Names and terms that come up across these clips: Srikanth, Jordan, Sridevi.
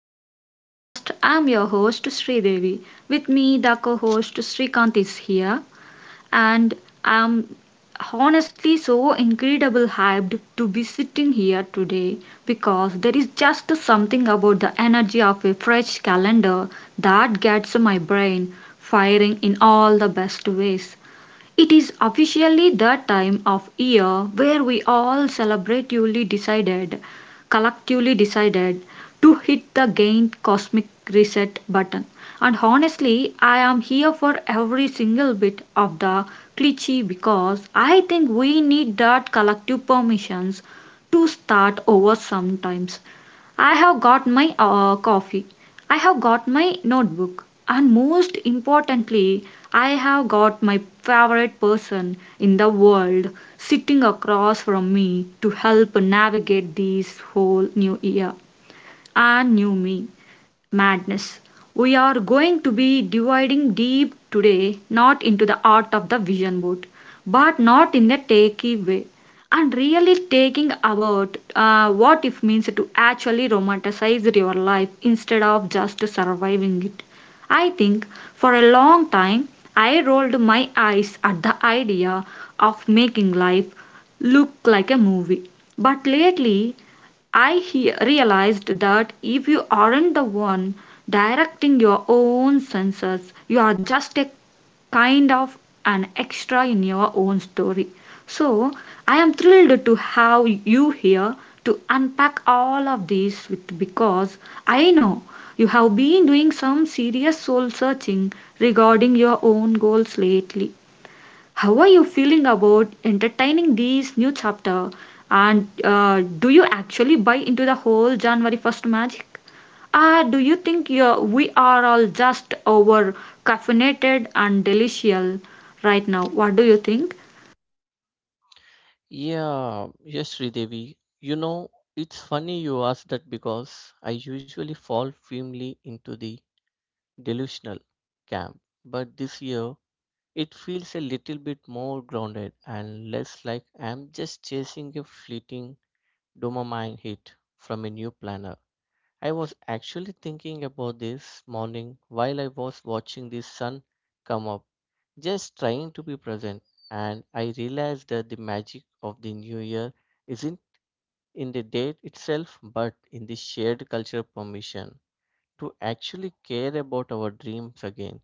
back to the podcast. I'm your host Sridevi. With me, the co-host Srikanth is here, and I'm honestly so incredible hyped to be sitting here today because there is just something about the energy of a fresh calendar that gets my brain firing in all the best ways. It is officially the time of year where we all celebratively decided, collectively decided, to hit the gain cosmic reset button. And honestly, I am here for every single bit of the cliche because I think we need that collective permissions to start over sometimes. I have got my coffee. I have got my notebook, and most importantly, I have got my favorite person in the world sitting across from me to help navigate this whole new year and new me madness. We are going to be dividing deep today, not into the art of the vision board, but not in the takey way, and really taking about what it means to actually romanticize your life instead of just surviving it. I think for a long time I rolled my eyes at the idea of making life look like a movie. But lately I realized that if you aren't the one directing your own senses, you are just a kind of an extra in your own story. So, I am thrilled to have you here to unpack all of this with because I know you have been doing some serious soul searching regarding your own goals lately. How are you feeling about entertaining this new chapter? And do you actually buy into the whole January 1st magic? Or do you think we are all just over caffeinated and delicious right now? What do you think? Yeah, yes, Sridevi. It's funny you ask that because I usually fall firmly into the delusional camp. But this year, it feels a little bit more grounded and less like I'm just chasing a fleeting dopamine hit from a new planner. I was actually thinking about this morning while I was watching the sun come up, just trying to be present, and I realized that the magic of the new year isn't in the date itself but in the shared cultural permission to actually care about our dreams again.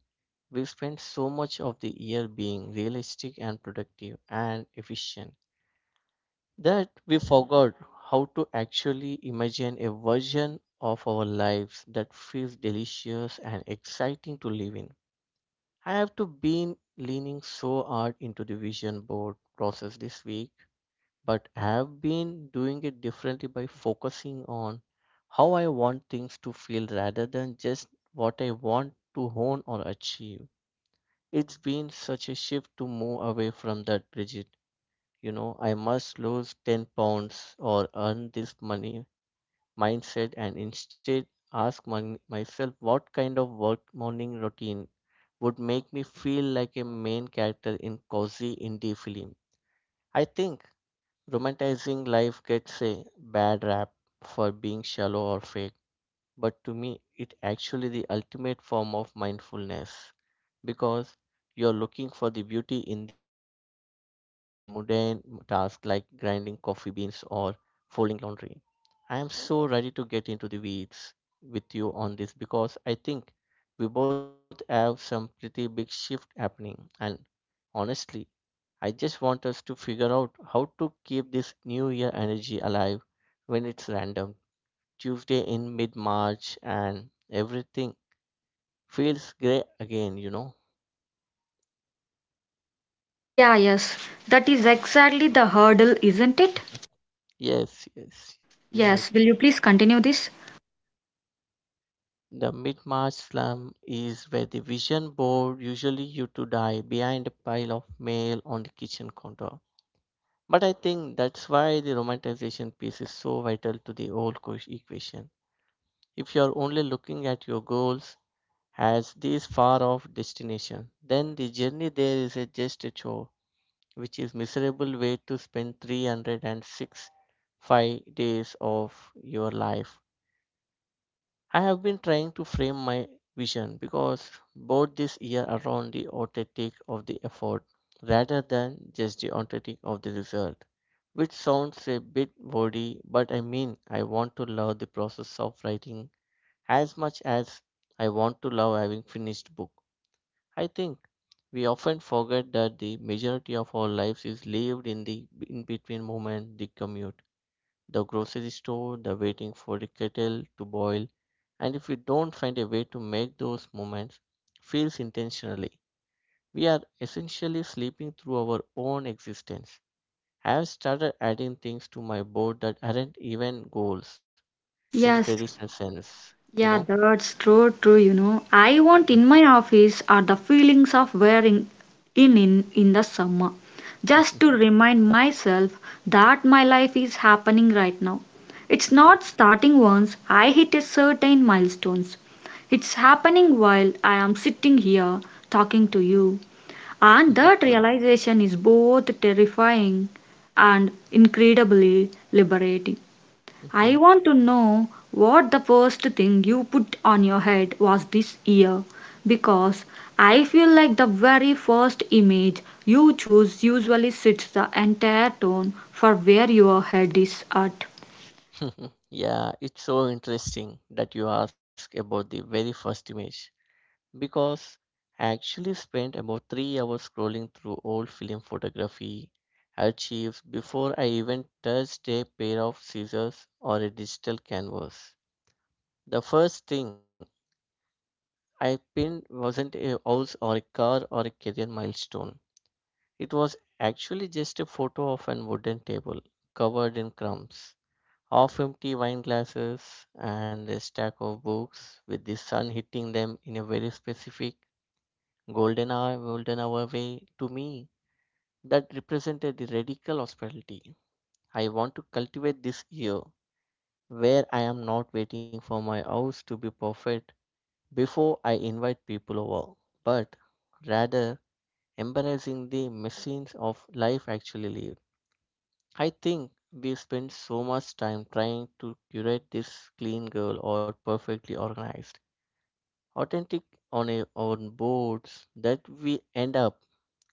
We spend so much of the year being realistic and productive and efficient that we forgot how to actually imagine a version of our lives that feels delicious and exciting to live in. I have to been leaning so hard into the vision board process this week, but I have been doing it differently by focusing on how I want things to feel rather than just what I want to hone or achieve. It's been such a shift to move away from that rigid I must lose 10 pounds or earn this money mindset, and instead ask myself what kind of work morning routine would make me feel like a main character in cozy indie film. I think romanticizing life gets a bad rap for being shallow or fake, but to me it actually the ultimate form of mindfulness because you're looking for the beauty in the mundane tasks like grinding coffee beans or folding laundry. I am so ready to get into the weeds with you on this because I think we both have some pretty big shift happening. And honestly, I just want us to figure out how to keep this new year energy alive when it's random. Tuesday in mid March and everything feels grey again. Yeah, yes, that is exactly the hurdle, isn't it? Yes, yes, you're Yes, will right. you please continue this? The mid-March slump is where the vision board usually used to die behind a pile of mail on the kitchen counter. But I think that's why the romanticization piece is so vital to the whole equation. If you're only looking at your goals as this far-off destination, then the journey there is a just a chore, which is miserable way to spend 365 days of your life. I have been trying to frame my vision because both this year around the authentic of the effort rather than just the authentic of the result, which sounds a bit wordy, but I mean I want to love the process of writing as much as I want to love having finished book. I think we often forget that the majority of our lives is lived in the in between moment, the commute, the grocery store, the waiting for the kettle to boil, and if we don't find a way to make those moments feels intentionally, we are essentially sleeping through our own existence. I have started adding things to my board that aren't even goals in the Yes. traditional sense, you Yeah, know? that's true, true, you know. I want in my office are the feelings of wearing in the summer. Just to remind myself that my life is happening right now. It's Okay. not starting once I hit a certain milestones. It's happening while I am sitting here talking to you. And that realization is both terrifying and incredibly liberating. I want to know what the first thing you put on your head was this year because I feel like the very first image you choose usually sets the entire tone for where your head is at. Yeah, it's so interesting that you ask about the very first image because I actually spent about 3 hours scrolling through old film photography archives before I even touched a pair of scissors or a digital canvas. The first thing I pinned wasn't a house or a car or a career milestone. It was actually just a photo of an wooden table covered in crumbs, half empty wine glasses, and a stack of books with the sun hitting them in a very specific golden hour, golden hour way to me, that represented the radical hospitality I want to cultivate this year, where I am not waiting for my house to be perfect before I invite people over, but rather embracing the machines of life actually lived. I think we spend so much time trying to curate this clean girl or perfectly organized, authentic on our own boards that we end up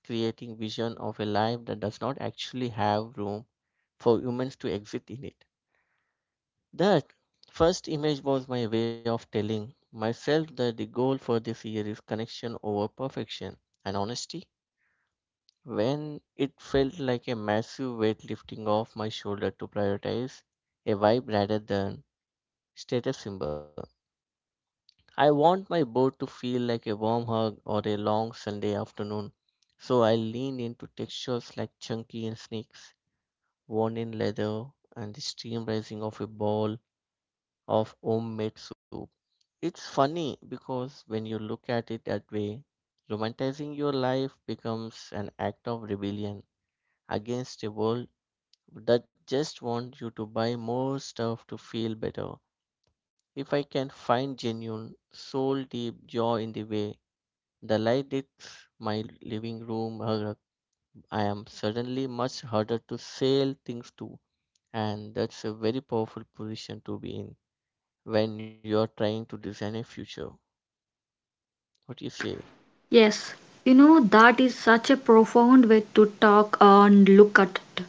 creating vision of a life that does not actually have room for humans to exist in it. That first image was my way of telling myself that the goal for this year is connection over perfection and honesty. When it felt like a massive weight lifting off my shoulder to prioritize a vibe rather than status symbol. I want my boat to feel like a warm hug or a long Sunday afternoon, so I leaned into textures like chunky and snakes, worn in leather, and the steam rising off a bowl of homemade soup. It's funny because when you look at it that way, romanticizing your life becomes an act of rebellion against a world that just wants you to buy more stuff to feel better. If I can find genuine, soul deep joy in the way the light hits my living room, I am suddenly much harder to sell things to, and that's a very powerful position to be in when you're trying to design a future. What do you say? Yes, you know that is such a profound way to talk and look at it.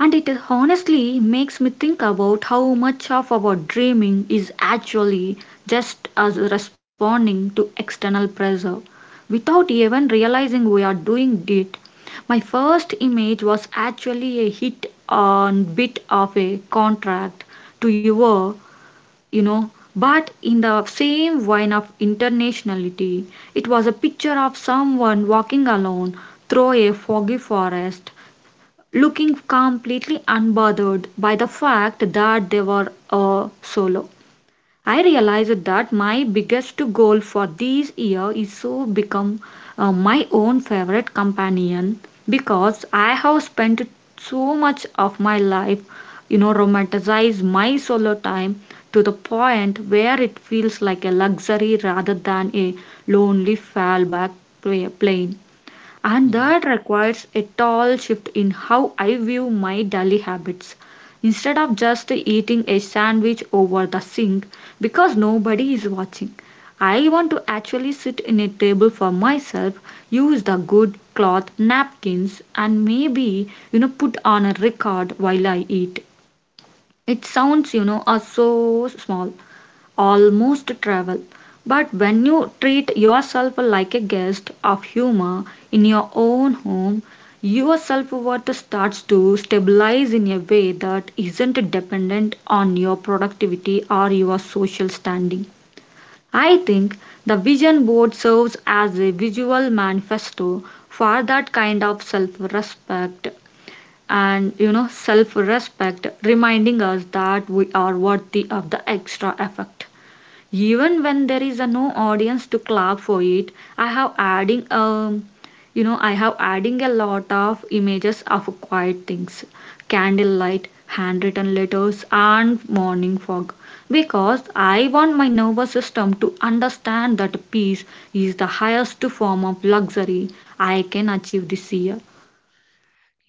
And it honestly makes me think about how much of our dreaming is actually just us responding to external pressure without even realizing we are doing it. My first image was actually a hit on bit of a contract to your, you know, but in the same vein of internationality, it was a picture of someone walking alone through a foggy forest looking completely unbothered by the fact that they were a solo. I realized that my biggest goal for this year is to become my own favorite companion because I have spent so much of my life, you know, romanticize my solo time to the point where it feels like a luxury rather than a lonely fallback plane, and that Hmm. requires a tall shift in how I view my daily habits. Instead of just eating a sandwich over the sink because nobody is watching, I want to actually sit in a table for myself, use the good cloth napkins, and maybe you know put on a record while I eat. It sounds you know so small, almost travel. But when you treat yourself like a guest of humor in your own home, your self worth starts to stabilize in a way that isn't dependent on your productivity or your social standing. I think the vision board serves as a visual manifesto for that kind of self respect, and you know self respect reminding us that we are worthy of the extra effort even when there is a no audience to clap for it. I have adding you know I have adding a lot of images of quiet things, candlelight, handwritten letters and morning fog, because I want my nervous system to understand that peace is the highest form of luxury I can achieve this year.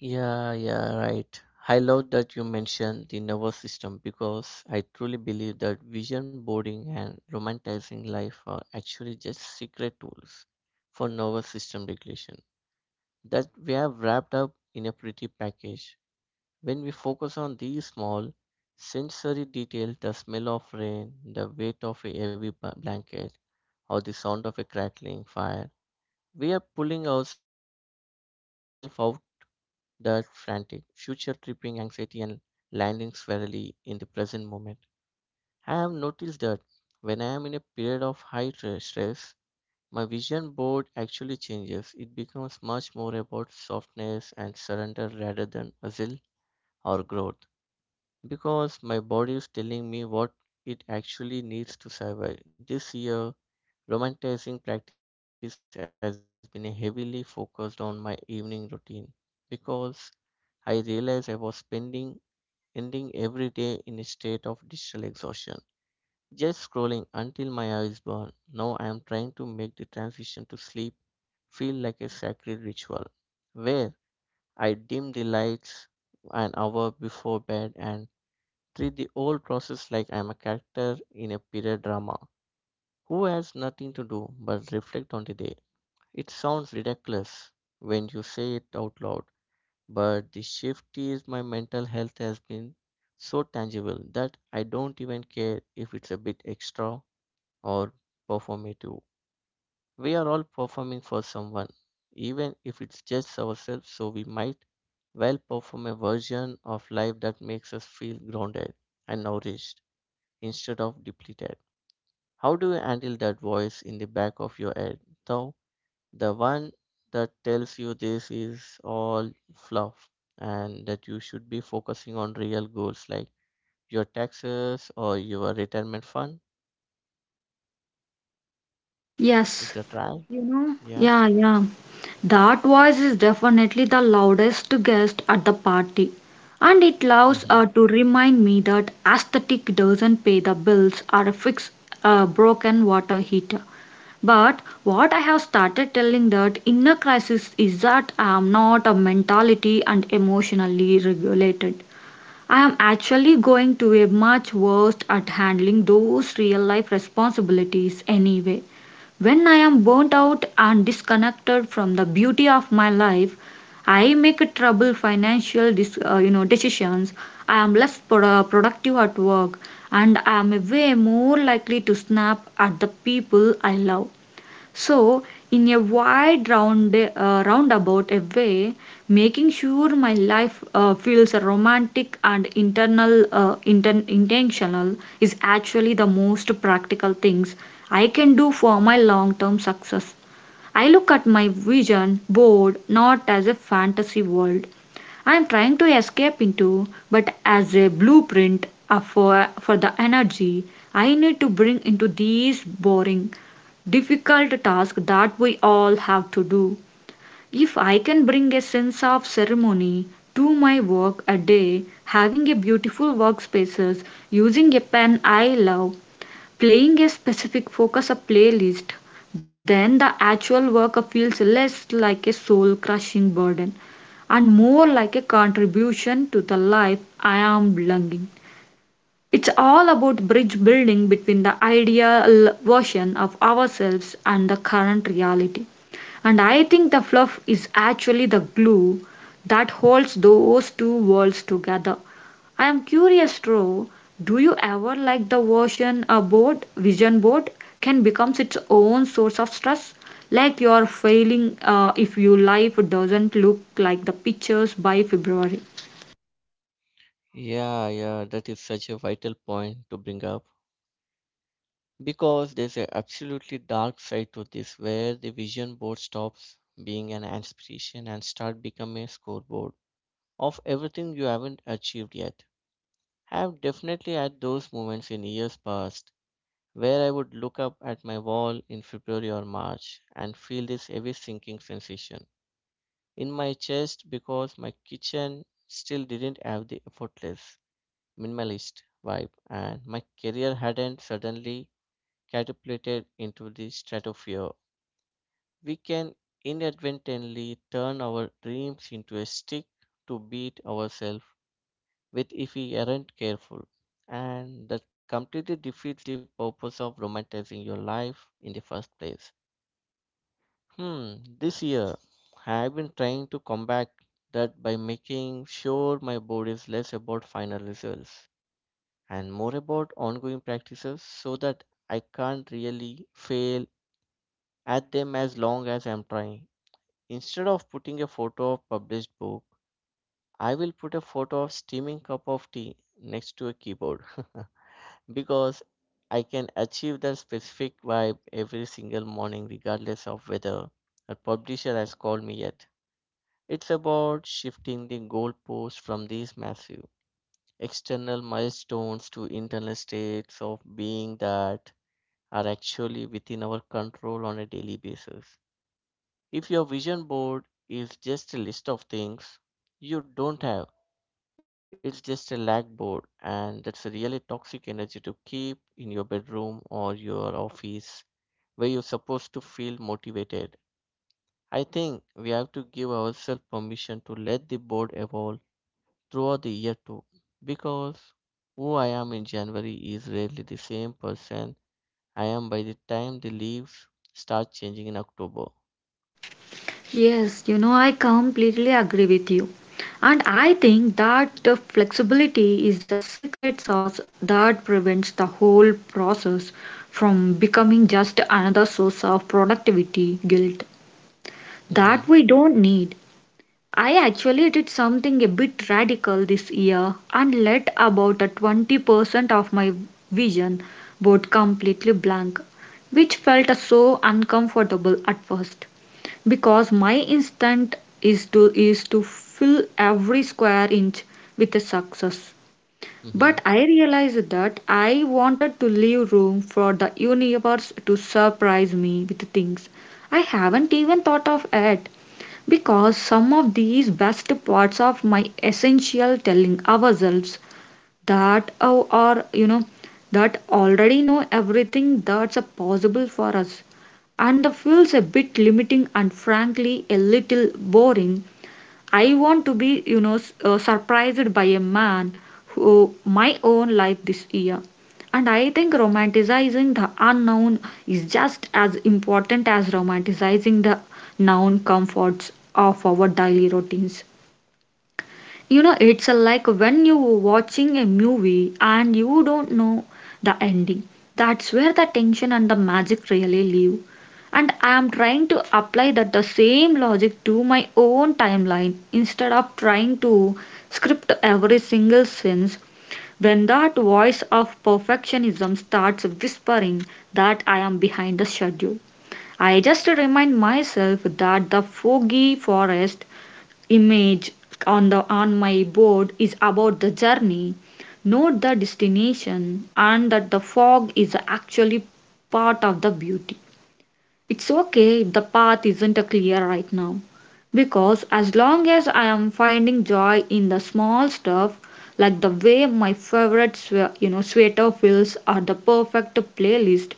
Yeah, yeah, right. I love that you mentioned the nervous system because I truly believe that vision boarding and romanticizing life are actually just secret tools for nervous system regulation that we have wrapped up in a pretty package. When we focus on these small sensory details, the smell of rain, the weight of a heavy blanket, or the sound of a crackling fire. We are pulling ourselves out that frantic, future tripping anxiety, and landing squarely in the present moment. I have noticed that when I am in a period of high stress, my vision board actually changes. It becomes much more about softness and surrender rather than hustle or growth because my body is telling me what it actually needs to survive this year. Romanticizing practice has been heavily focused on my evening routine because I realized I was spending ending every day in a state of digital exhaustion. Just scrolling until my eyes burn. Now I am trying to make the transition to sleep feel like a sacred ritual, where I dim the lights an hour before bed and treat the whole process like I am a character in a period drama who has nothing to do but reflect on the day. It sounds ridiculous when you say it out loud, but the shift is my mental health has been so tangible that I don't even care if it's a bit extra or performative. We are all performing for someone, even if it's just ourselves, so we might well perform a version of life that makes us feel grounded and nourished instead of depleted. How do you handle that voice in the back of your head, though? The one that tells you this is all fluff and that you should be focusing on real goals like your taxes or your retirement fund. Is Yes. that right? Yeah. Yeah, yeah. That voice is definitely the loudest guest at the party. And it loves Hmm. To remind me that aesthetic doesn't pay the bills or fix a broken water heater. But what I have started telling that inner crisis is that I am not a mentality and emotionally regulated. I am actually going to be much worse at handling those real life responsibilities anyway. When I am burnt out and disconnected from the beauty of my life, I make a trouble financial you know decisions. I am less productive at work and I am way more likely to snap at the people I love. So, in a wide round roundabout a way, making sure my life feels romantic and internal intentional is actually the most practical things I can do for my long-term success. I look at my vision board not as a fantasy world I am trying to escape into, but as a blueprint for the energy I need to bring into these boring, difficult tasks that we all have to do. If I can bring a sense of ceremony to my work a day, having a beautiful workspaces, using a pen I love, playing a specific focus or playlist, then the actual work feels less like a soul crushing burden and more like a contribution to the life I am belonging. It's all about bridge building between the ideal version of ourselves and the current reality. And I think the fluff is actually the glue that holds those two worlds together. I am curious, Ro, do you ever like the version a board, vision board, can become its own source of stress? Like you are failing if your life doesn't look like the pictures by February. Yeah, yeah, that is such a vital point to bring up because there's an absolutely dark side to this where the vision board stops being an inspiration and start becoming a scoreboard of everything you haven't achieved yet. I've definitely had those moments in years past where I would look up at my wall in February or March and feel this heavy sinking sensation in my chest because my kitchen still didn't have the effortless, minimalist vibe, and my career hadn't suddenly catapulted into the stratosphere. We can inadvertently turn our dreams into a stick to beat ourselves with if we aren't careful. And that completely defeats the purpose of romanticizing your life in the first place. Hmm, this year I have been trying to combat that by making sure my board is less about final results and more about ongoing practices, so that I can't really fail at them as long as I'm trying. Instead of putting a photo of published book, I will put a photo of steaming cup of tea next to a keyboard because I can achieve that specific vibe every single morning regardless of whether a publisher has called me yet. It's about shifting the goalpost from these massive external milestones to internal states of being that are actually within our control on a daily basis. If your vision board is just a list of things you don't have, it's just a lag board, and that's a really toxic energy to keep in your bedroom or your office where you're supposed to feel motivated. I think we have to give ourselves permission to let the board evolve throughout the year too, because who I am in January is rarely the same person I am by the time the leaves start changing in October. Yes, you know, I completely agree with you. And I think that the flexibility is the secret sauce that prevents the whole process from becoming just another source of productivity guilt that Mm-hmm. we don't need. I actually did something a bit radical this year and let about a 20% of my vision board completely blank, which felt so uncomfortable at first because my instinct is to fill every square inch with a success. Mm-hmm. But I realized that I wanted to leave room for the universe to surprise me with things I haven't even thought of yet. Because some of these best parts of my essential telling ourselves that our, or you know that already know everything that's a possible for us and feels a bit limiting and frankly a little boring. I want to be, you know, surprised by a man who my own life this year. And I think romanticizing the unknown is just as important as romanticizing the known comforts of our daily routines. You know it's a like when you are watching a movie and you don't know the ending, that's where the tension and the magic really live, and I am trying to apply that the same logic to my own timeline instead of trying to script every single sense. When that voice of perfectionism starts whispering that I am behind the schedule, I just remind myself that the foggy forest image on the on my board is about the journey, not the destination, and that the fog is actually part of the beauty. It's okay if the path isn't clear right now, because as long as I am finding joy in the small stuff, like the way my favorite you know sweater feels or the perfect playlist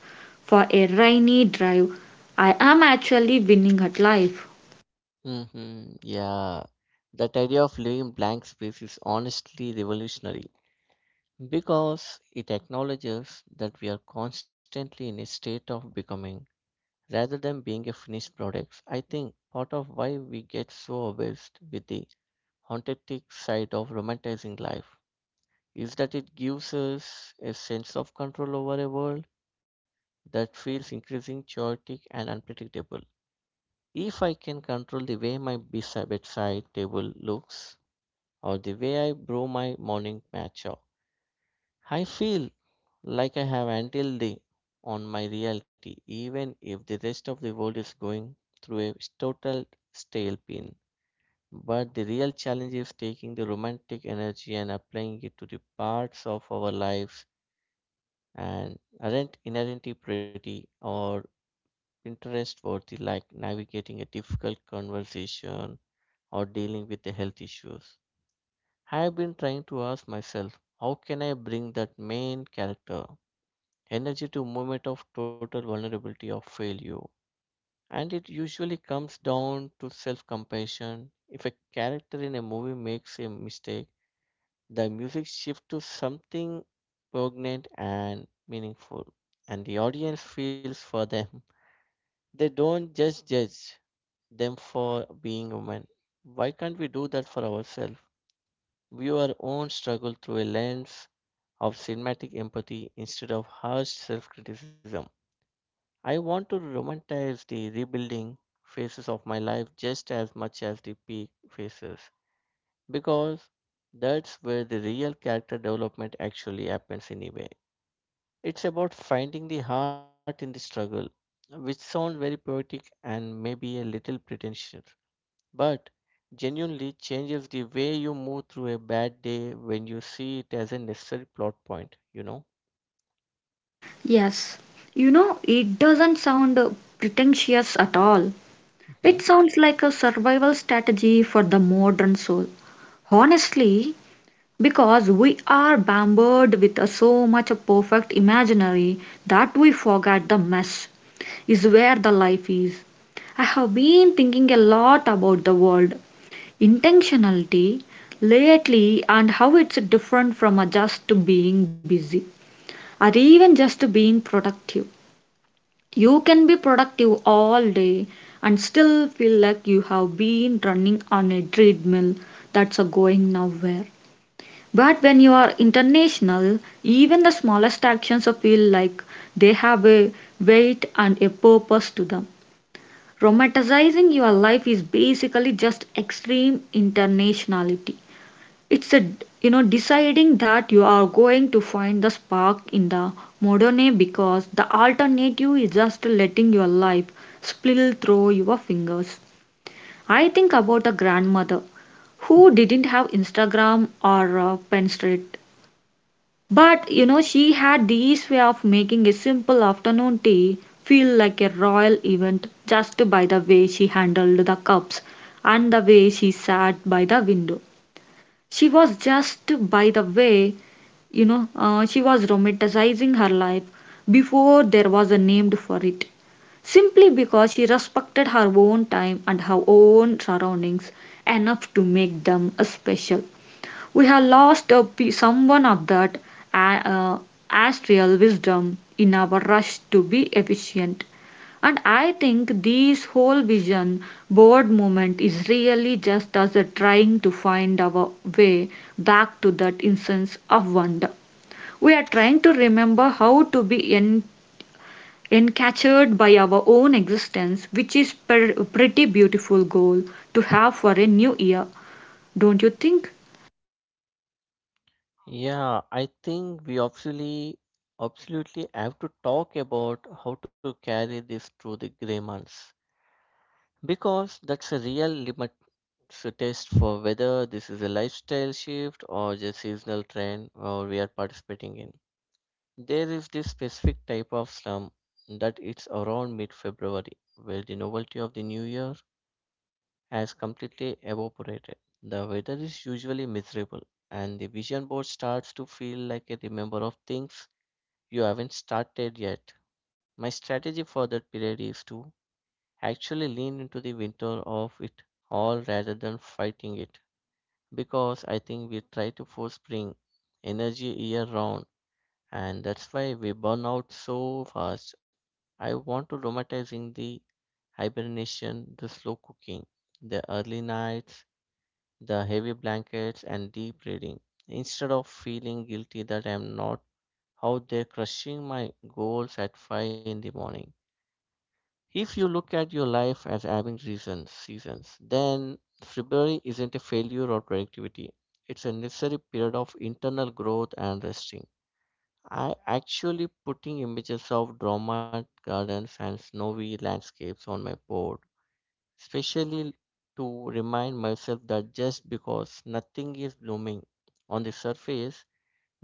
for a rainy drive, I am actually winning at life. Mm-hmm. Yeah. That idea of leaving blank space is honestly revolutionary because it acknowledges that we are constantly in a state of becoming rather than being a finished product. I think part of why we get so obsessed with the haunted side of romanticizing life is that it gives us a sense of control over a world that feels increasingly chaotic and unpredictable. If I can control the way my bedside table looks or the way I brew my morning matcha, I feel like I have until the on my reality, even if the rest of the world is going through a total stale. But the real challenge is taking the romantic energy and applying it to the parts of our lives and aren't inherently pretty or interest worthy, like navigating a difficult conversation or dealing with the health issues. I've been trying to ask myself, how can I bring that main character energy to moment of total vulnerability or failure? And it usually comes down to self-compassion. If a character in a movie makes a mistake, the music shifts to something poignant and meaningful, and the audience feels for them. They don't just judge them for being women. Why can't we do that for ourselves? View our own struggle through a lens of cinematic empathy instead of harsh self criticism. I want to romanticize the rebuilding phases of my life just as much as the peak phases, because that's where the real character development actually happens, anyway. It's about finding the heart in the struggle, which sounds very poetic and maybe a little pretentious, but genuinely changes the way you move through a bad day when you see it as a necessary plot point, you know? Yes, you know, it doesn't sound pretentious at all. Hmm. It sounds like a survival strategy for the modern soul. Honestly, because we are bombarded with so much of perfect imaginary that we forget the mess is where the life is. I have been thinking a lot about the world, intentionality lately, and how it's different from just being busy or even just being productive. You can be productive all day and still feel like you have been running on a treadmill that's a going nowhere. But when you are international, even the smallest actions feel like they have a weight and a purpose to them. Romanticizing your life is basically just extreme internationality. It's a you know Deciding that you are going to find the spark in the modern, because the alternative is just letting your life spill through your fingers. I think about a grandmother who didn't have Instagram or Pinterest, but she had this way of making a simple afternoon tea feel like a royal event, just by the way she handled the cups and the way she sat by the window. She was just, by the way, she was romanticizing her life before there was a name for it. Simply because she respected her own time and her own surroundings enough to make them special. We have lost someone of that a- uh, astral wisdom in our rush to be efficient. And I think this whole vision board movement is really just us trying to find our way back to that instance of wonder. We are trying to remember how to be encaptured by our own existence, which is a pretty beautiful goal to have for a new year, don't you think? Yeah, I think we absolutely, absolutely have to talk about how to carry this through the gray months, because that's a real limit to test for whether this is a lifestyle shift or just seasonal trend or we are participating in. There is this specific type of slump that it's around mid-February, where the novelty of the new year has completely evaporated. The weather is usually miserable, and the vision board starts to feel like a remember of things you haven't started yet. My strategy for that period is to actually lean into the winter of it all rather than fighting it, because I think we try to force spring energy year round, and that's why we burn out so fast. I want to romanticizing the hibernation, the slow cooking, the early nights, the heavy blankets, and deep reading. Instead of feeling guilty that I am not out there crushing my goals at 5 in the morning. If you look at your life as having reasons, seasons, then February isn't a failure or productivity. It's a necessary period of internal growth and resting. I actually putting images of drama gardens and snowy landscapes on my board especially to remind myself that just because nothing is blooming on the surface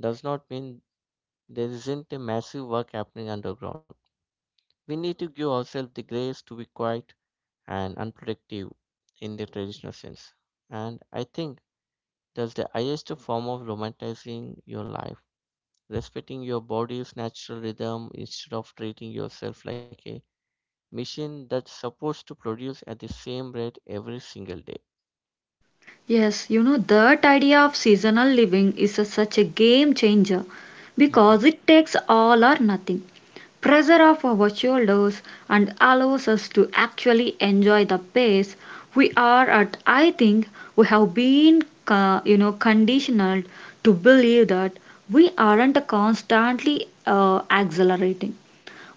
does not mean there isn't a massive work happening underground. We need to give ourselves the grace to be quiet and unproductive in the traditional sense. And I think that's the highest form of romanticizing your life. Respecting your body's natural rhythm instead of treating yourself like a machine that's supposed to produce at the same rate every single day. Yes, that idea of seasonal living is such a game changer Mhm. because it takes all or nothing pressure off our shoulders and allows us to actually enjoy the pace we are at. I think we have been, conditioned to believe that we aren't constantly accelerating,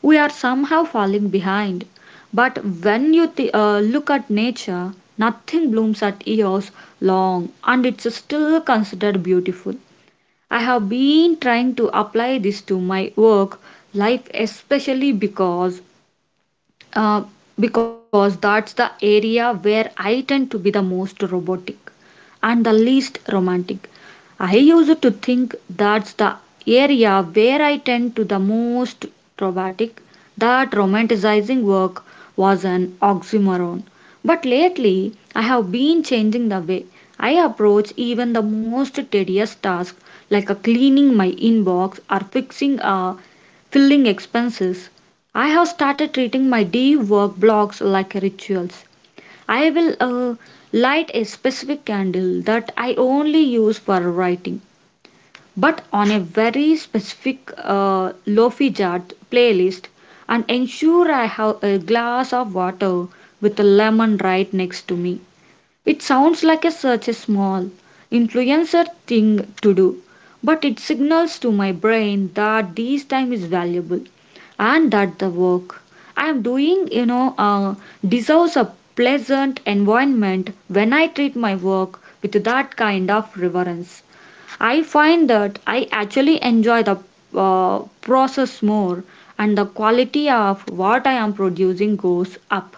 we are somehow falling behind. But when you look at nature, nothing blooms at years long and it's still considered beautiful. I have been trying to apply this to my work life, especially uh, because that's the area where I tend to be the most robotic and the least romantic. I used to think that's the area where I tend to the most robotic, that romanticizing work was an oxymoron. But lately, I have been changing the way I approach even the most tedious task like a cleaning my inbox or fixing a filling expenses. I have started treating my day work blocks like rituals. I will light a specific candle that I only use for writing, but on a very specific lofi chart playlist, and ensure I have a glass of water with a lemon right next to me. It sounds like a such a small, influencer thing to do, but it signals to my brain that this time is valuable and that the work I am doing, deserves a pleasant environment when I treat my work with that kind of reverence. I find that I actually enjoy the process more, and the quality of what I am producing goes up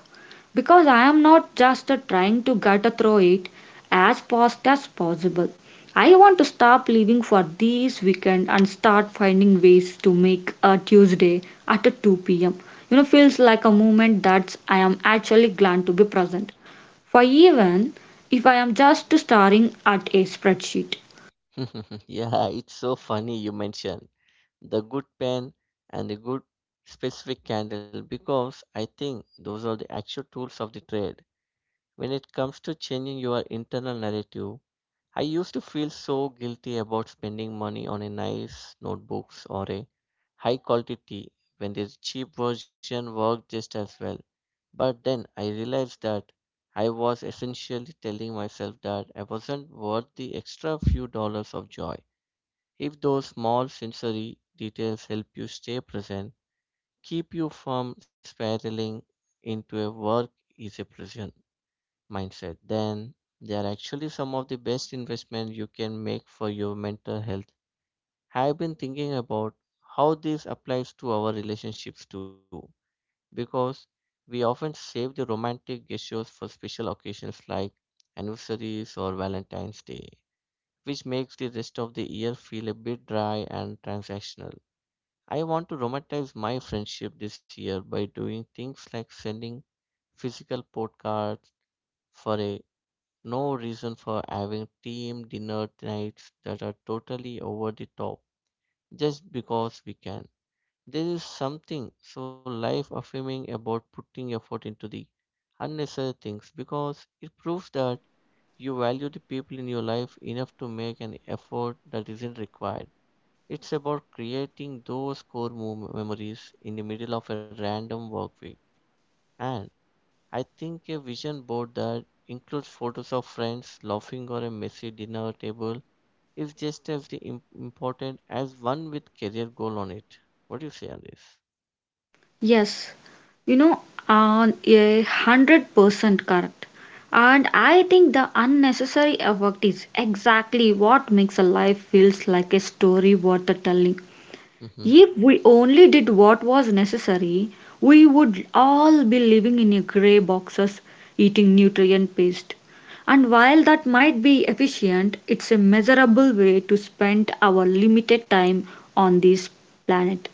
because I am not just trying to get through it as fast as possible. I want to stop living for this weekend and start finding ways to make a Tuesday at 2 p.m. Feels like a moment that I am actually glad to be present for, even if I am just staring at a spreadsheet. Yeah, it's so funny you mention the good pen and the good specific candle, because I think those are the actual tools of the trade. When it comes to changing your internal narrative, I used to feel so guilty about spending money on a nice notebooks or a high quality tea when the cheap version worked just as well. But then I realized that I was essentially telling myself that I wasn't worth the extra few dollars of joy. If those small sensory details help you stay present, keep you from spiraling into a work is a prison mindset, then they are actually some of the best investment you can make for your mental health. I've been thinking about how this applies to our relationships too, because we often save the romantic gestures for special occasions like anniversaries or Valentine's Day, which makes the rest of the year feel a bit dry and transactional. I want to romanticize my friendship this year by doing things like sending physical postcards for a no reason, for having team dinner nights that are totally over the top just because we can. There is something so life affirming about putting effort into the unnecessary things, because it proves that you value the people in your life enough to make an effort that isn't required. It's about creating those core memories in the middle of a random work week. And I think a vision board that includes photos of friends laughing or a messy dinner table is just as the important as one with career goal on it. What do you say on this? Yes, you know, on 100% correct. And I think the unnecessary effort is exactly what makes a life feels like a story worth the telling. Hmm. If we only did what was necessary, we would all be living in a grey boxes eating nutrient paste. And while that might be efficient, it's a measurable way to spend our limited time on this planet.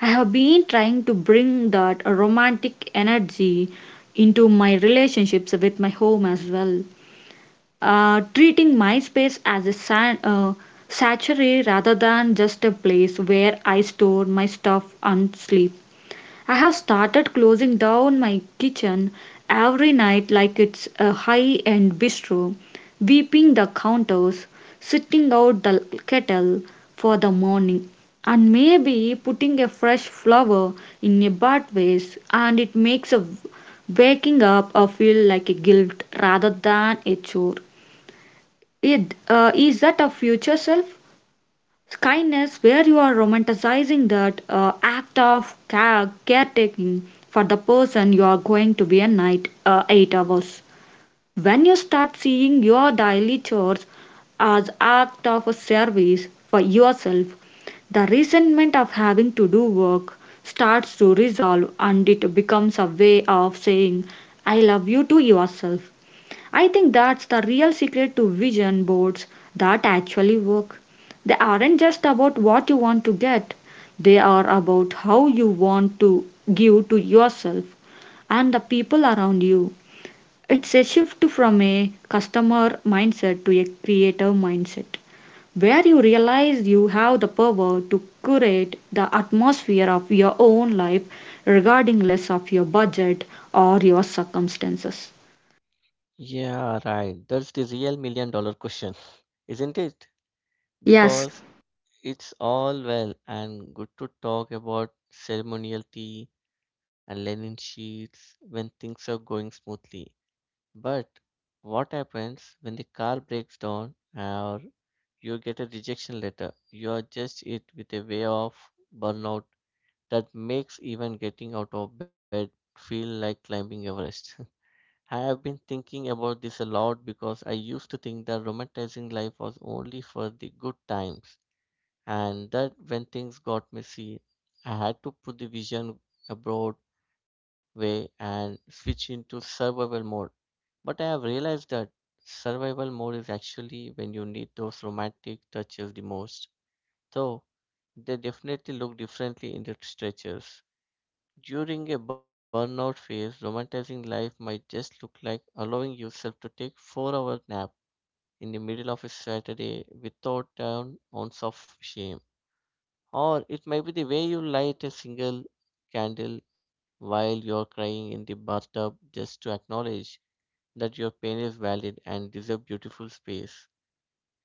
I have been trying to bring that romantic energy into my relationships with my home as well. Treating my space as a sanctuary rather than just a place where I store my stuff and sleep. I have started closing down my kitchen every night like it's a high end bistro, sweeping the counters, sitting out the kettle for the morning, and maybe putting a fresh flower in a bud vase, and it makes a waking up a feel like a guilt rather than a chore. It, is that a future self? Kindness, where you are romanticizing that act of caretaking for the person you are going to be a night 8 hours. When you start seeing your daily chores as act of a service for yourself, the resentment of having to do work starts to resolve and it becomes a way of saying I love you to yourself. I think that's the real secret to vision boards that actually work. They aren't just about what you want to get, they are about how you want to give to yourself and the people around you. It's a shift from a customer mindset to a creative mindset where you realize you have the power to curate the atmosphere of your own life regarding less of your budget or your circumstances. Yeah, right. That's the real million dollar question, isn't it? Yes, Because it's all well and good to talk about ceremonial tea and linen sheets when things are going smoothly. But what happens when the car breaks down or you get a rejection letter? You are just it with a way of burnout that makes even getting out of bed feel like climbing Everest. I have been thinking about this a lot because I used to think that romanticizing life was only for the good times, and that when things got messy, I had to put the vision abroad way and switch into survival mode. But I have realized that survival mode is actually when you need those romantic touches the most. Though they definitely look differently in the stretches. During a burnout phase, romanticizing life might just look like allowing yourself to take 4-hour nap in the middle of a Saturday without an ounce of shame. Or it might be the way you light a single candle while you're crying in the bathtub just to acknowledge that your pain is valid and deserves beautiful space.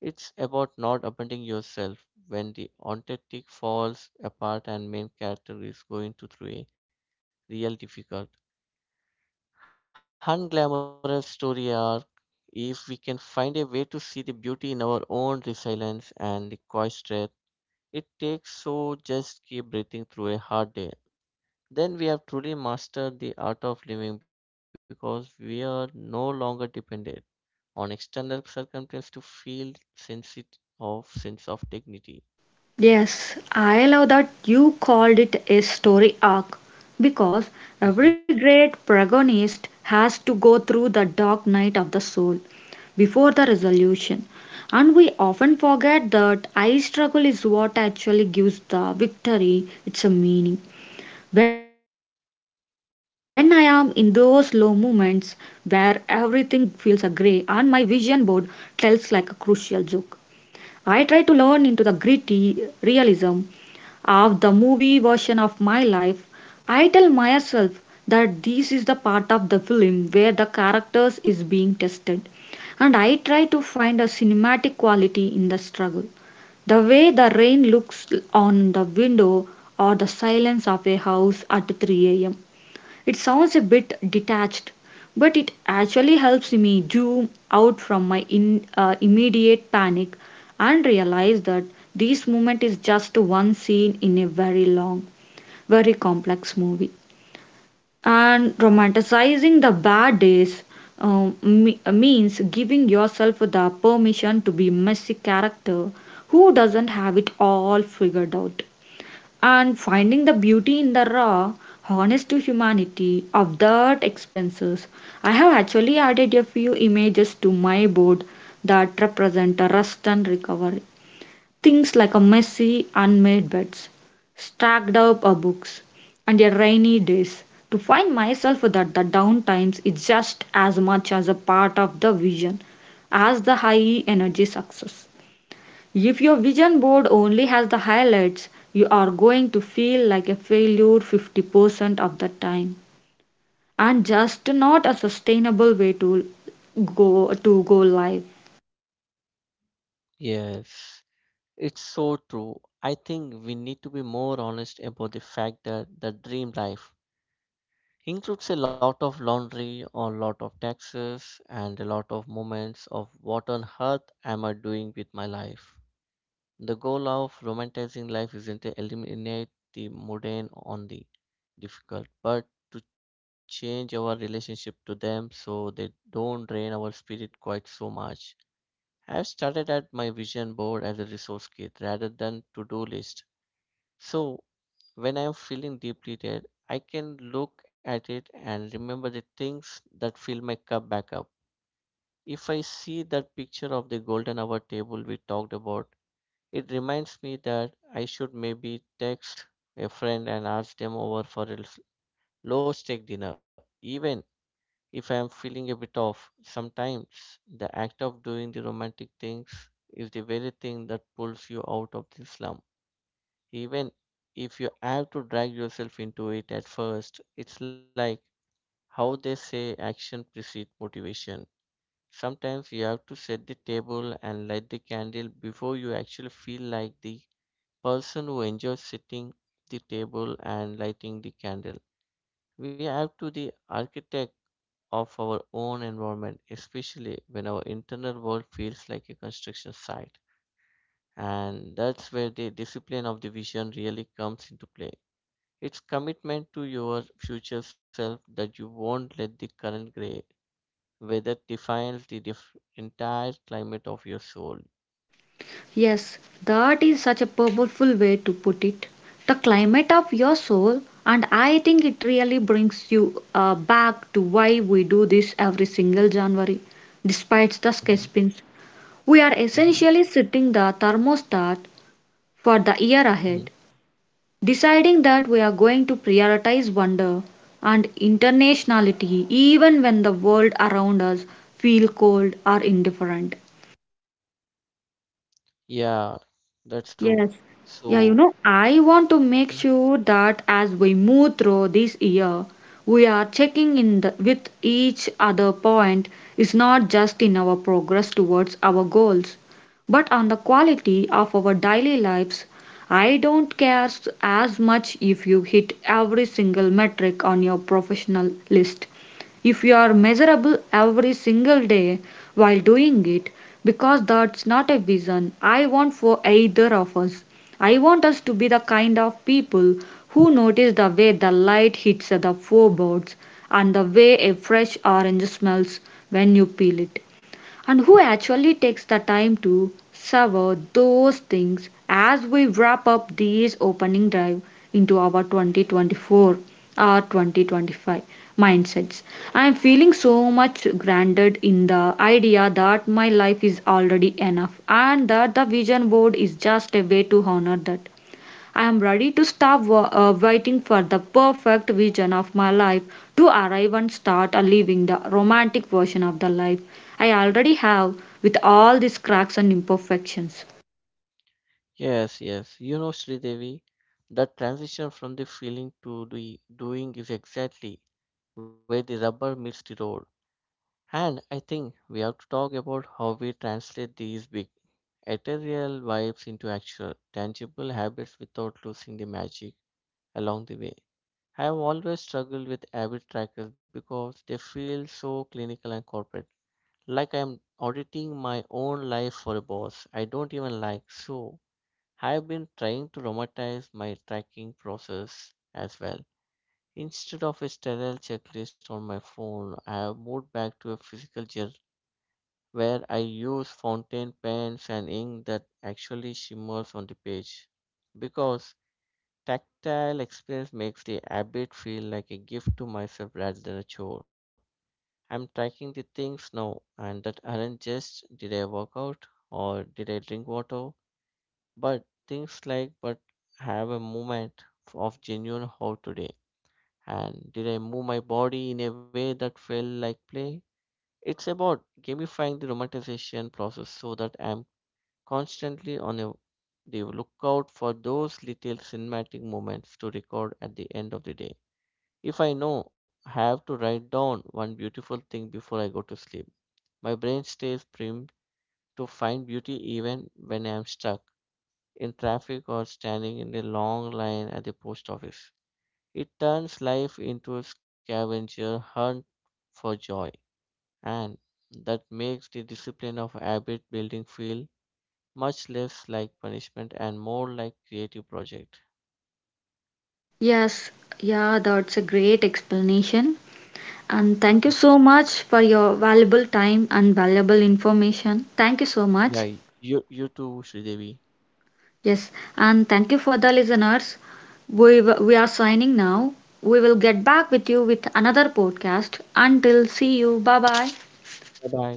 It's about not abandoning yourself when the authentic falls apart and main character is going to through a real difficult, unglamorous story arc. If we can find a way to see the beauty in our own resilience and the quiet strength, it takes so just keep breathing through a hard day. Then we have truly mastered the art of living, because we are no longer dependent on external circumstance to feel of sense of dignity. Yes, I love that you called it a story arc because Mhm. every great protagonist has to go through the dark night of the soul before the resolution. And we often forget that I struggle is what actually gives the victory its a meaning. When I am in those low moments where everything feels a grey and my vision board tells like a crucial joke. I try to learn into the gritty realism of the movie version of my life. I tell myself that this is the part of the film where the characters is being tested, and I try to find a cinematic quality in the struggle. The way the rain looks on the window, or the silence of a house at 3 a.m. It sounds a bit detached, but it actually helps me zoom out from my immediate panic and realize that this moment is just one scene in a very long, very complex movie. And romanticizing the bad days means giving yourself the permission to be messy character who doesn't have it all figured out and finding the beauty in the raw honest to humanity of that expenses. I have actually added a few images to my board that represent a rest and recovery, things like a messy unmade beds, stacked up books, and a rainy days, to find myself that the downtimes is just as much as a part of the vision as the high energy success. If your vision board only has the highlights, you are going to feel like a failure 50% of the time, and just not a sustainable way to go live. Yes, it's so true. I think we need to be more honest about the fact that the dream life includes a lot of laundry, a lot of taxes, and a lot of moments of what on earth am I doing with my life. The goal of romanticizing life isn't to eliminate the mundane on the difficult, but to change our relationship to them so they don't drain our spirit quite so much. I've started at my vision board as a resource kit rather than to-do list. So when I'm feeling deeply depleted, I can look at it and remember the things that fill my cup back up. If I see that picture of the golden hour table we talked about, it reminds me that I should maybe text a friend and ask them over for a low stake dinner. Even if I'm feeling a bit off, sometimes the act of doing the romantic things is the very thing that pulls you out of the slump. Even if you have to drag yourself into it at first, it's like how they say action precedes motivation. Sometimes you have to set the table and light the candle before you actually feel like the person who enjoys sitting the table and lighting the candle. We have to the architect of our own environment, especially when our internal world feels like a construction site. And that's where the discipline of the vision really comes into play. It's commitment to your future self that you won't let the current gray weather define the entire climate of your soul. Yes, that is such a powerful way to put it. The climate of your soul. And I think it really brings you back to why we do this every single January despite the Hmm. sketch pins. We are Hmm. essentially setting the thermostat for the year Hmm. ahead. Deciding that we are going to prioritize wonder and internationality even when the world around us feel cold or indifferent. Yeah, that's true. Yes. Yeah, So, I want to make sure that as we move through this year, we are checking in with each other, point is not just in our progress towards our goals, but on the quality of our daily lives. I don't care as much if you hit every single metric on your professional list if you are measurable every single day while doing it, because that's not a vision I want for either of us. I want us to be the kind of people who notice the way the light hits the floorboards and the way a fresh orange smells when you peel it, and who actually takes the time to savor those things as we wrap up this opening drive into our 2024 or 2025 mindsets. I am feeling so much grounded in the idea that my life is already enough and that the vision board is just a way to honor that. I am ready to stop waiting for the perfect vision of my life to arrive and start living the romantic version of the life I already have, with all these cracks and imperfections. yes, yes. You know, Sridevi, that transition from the feeling to the doing is exactly where the rubber meets the road. And I think we have to talk about how we translate these big ethereal vibes into actual, tangible habits without losing the magic along the way. I have always struggled with habit trackers because they feel so clinical and corporate. Like I am auditing my own life for a boss I don't even like. So, I've been trying to romantize my tracking process as well. Instead of a sterile checklist on my phone, I have moved back to a physical journal where I use fountain pens and ink that actually shimmers on the page. Because tactile experience makes the habit feel like a gift to myself rather than a chore. I'm tracking the things now and that aren't just did I work out or did I drink water, but things like, but have a moment of genuine how today. And did I move my body in a way that felt like play? It's about gamifying the romanticization process so that I'm constantly on a, the lookout for those little cinematic moments to record at the end of the day. If I know I have to write down one beautiful thing before I go to sleep, my brain stays primed to find beauty even when I am stuck in traffic or standing in a long line at the post office. It turns life into a scavenger hunt for joy, and that makes the discipline of habit building feel much less like punishment and more like creative project. Yes, yeah, that's a great explanation. And thank you so much for your valuable time and valuable information. Thank you so Yeah, much. you too, Sridevi. Yes, and thank you for the listeners. We are signing now. We will get back with you with another podcast. Until see you. Bye bye. Bye bye.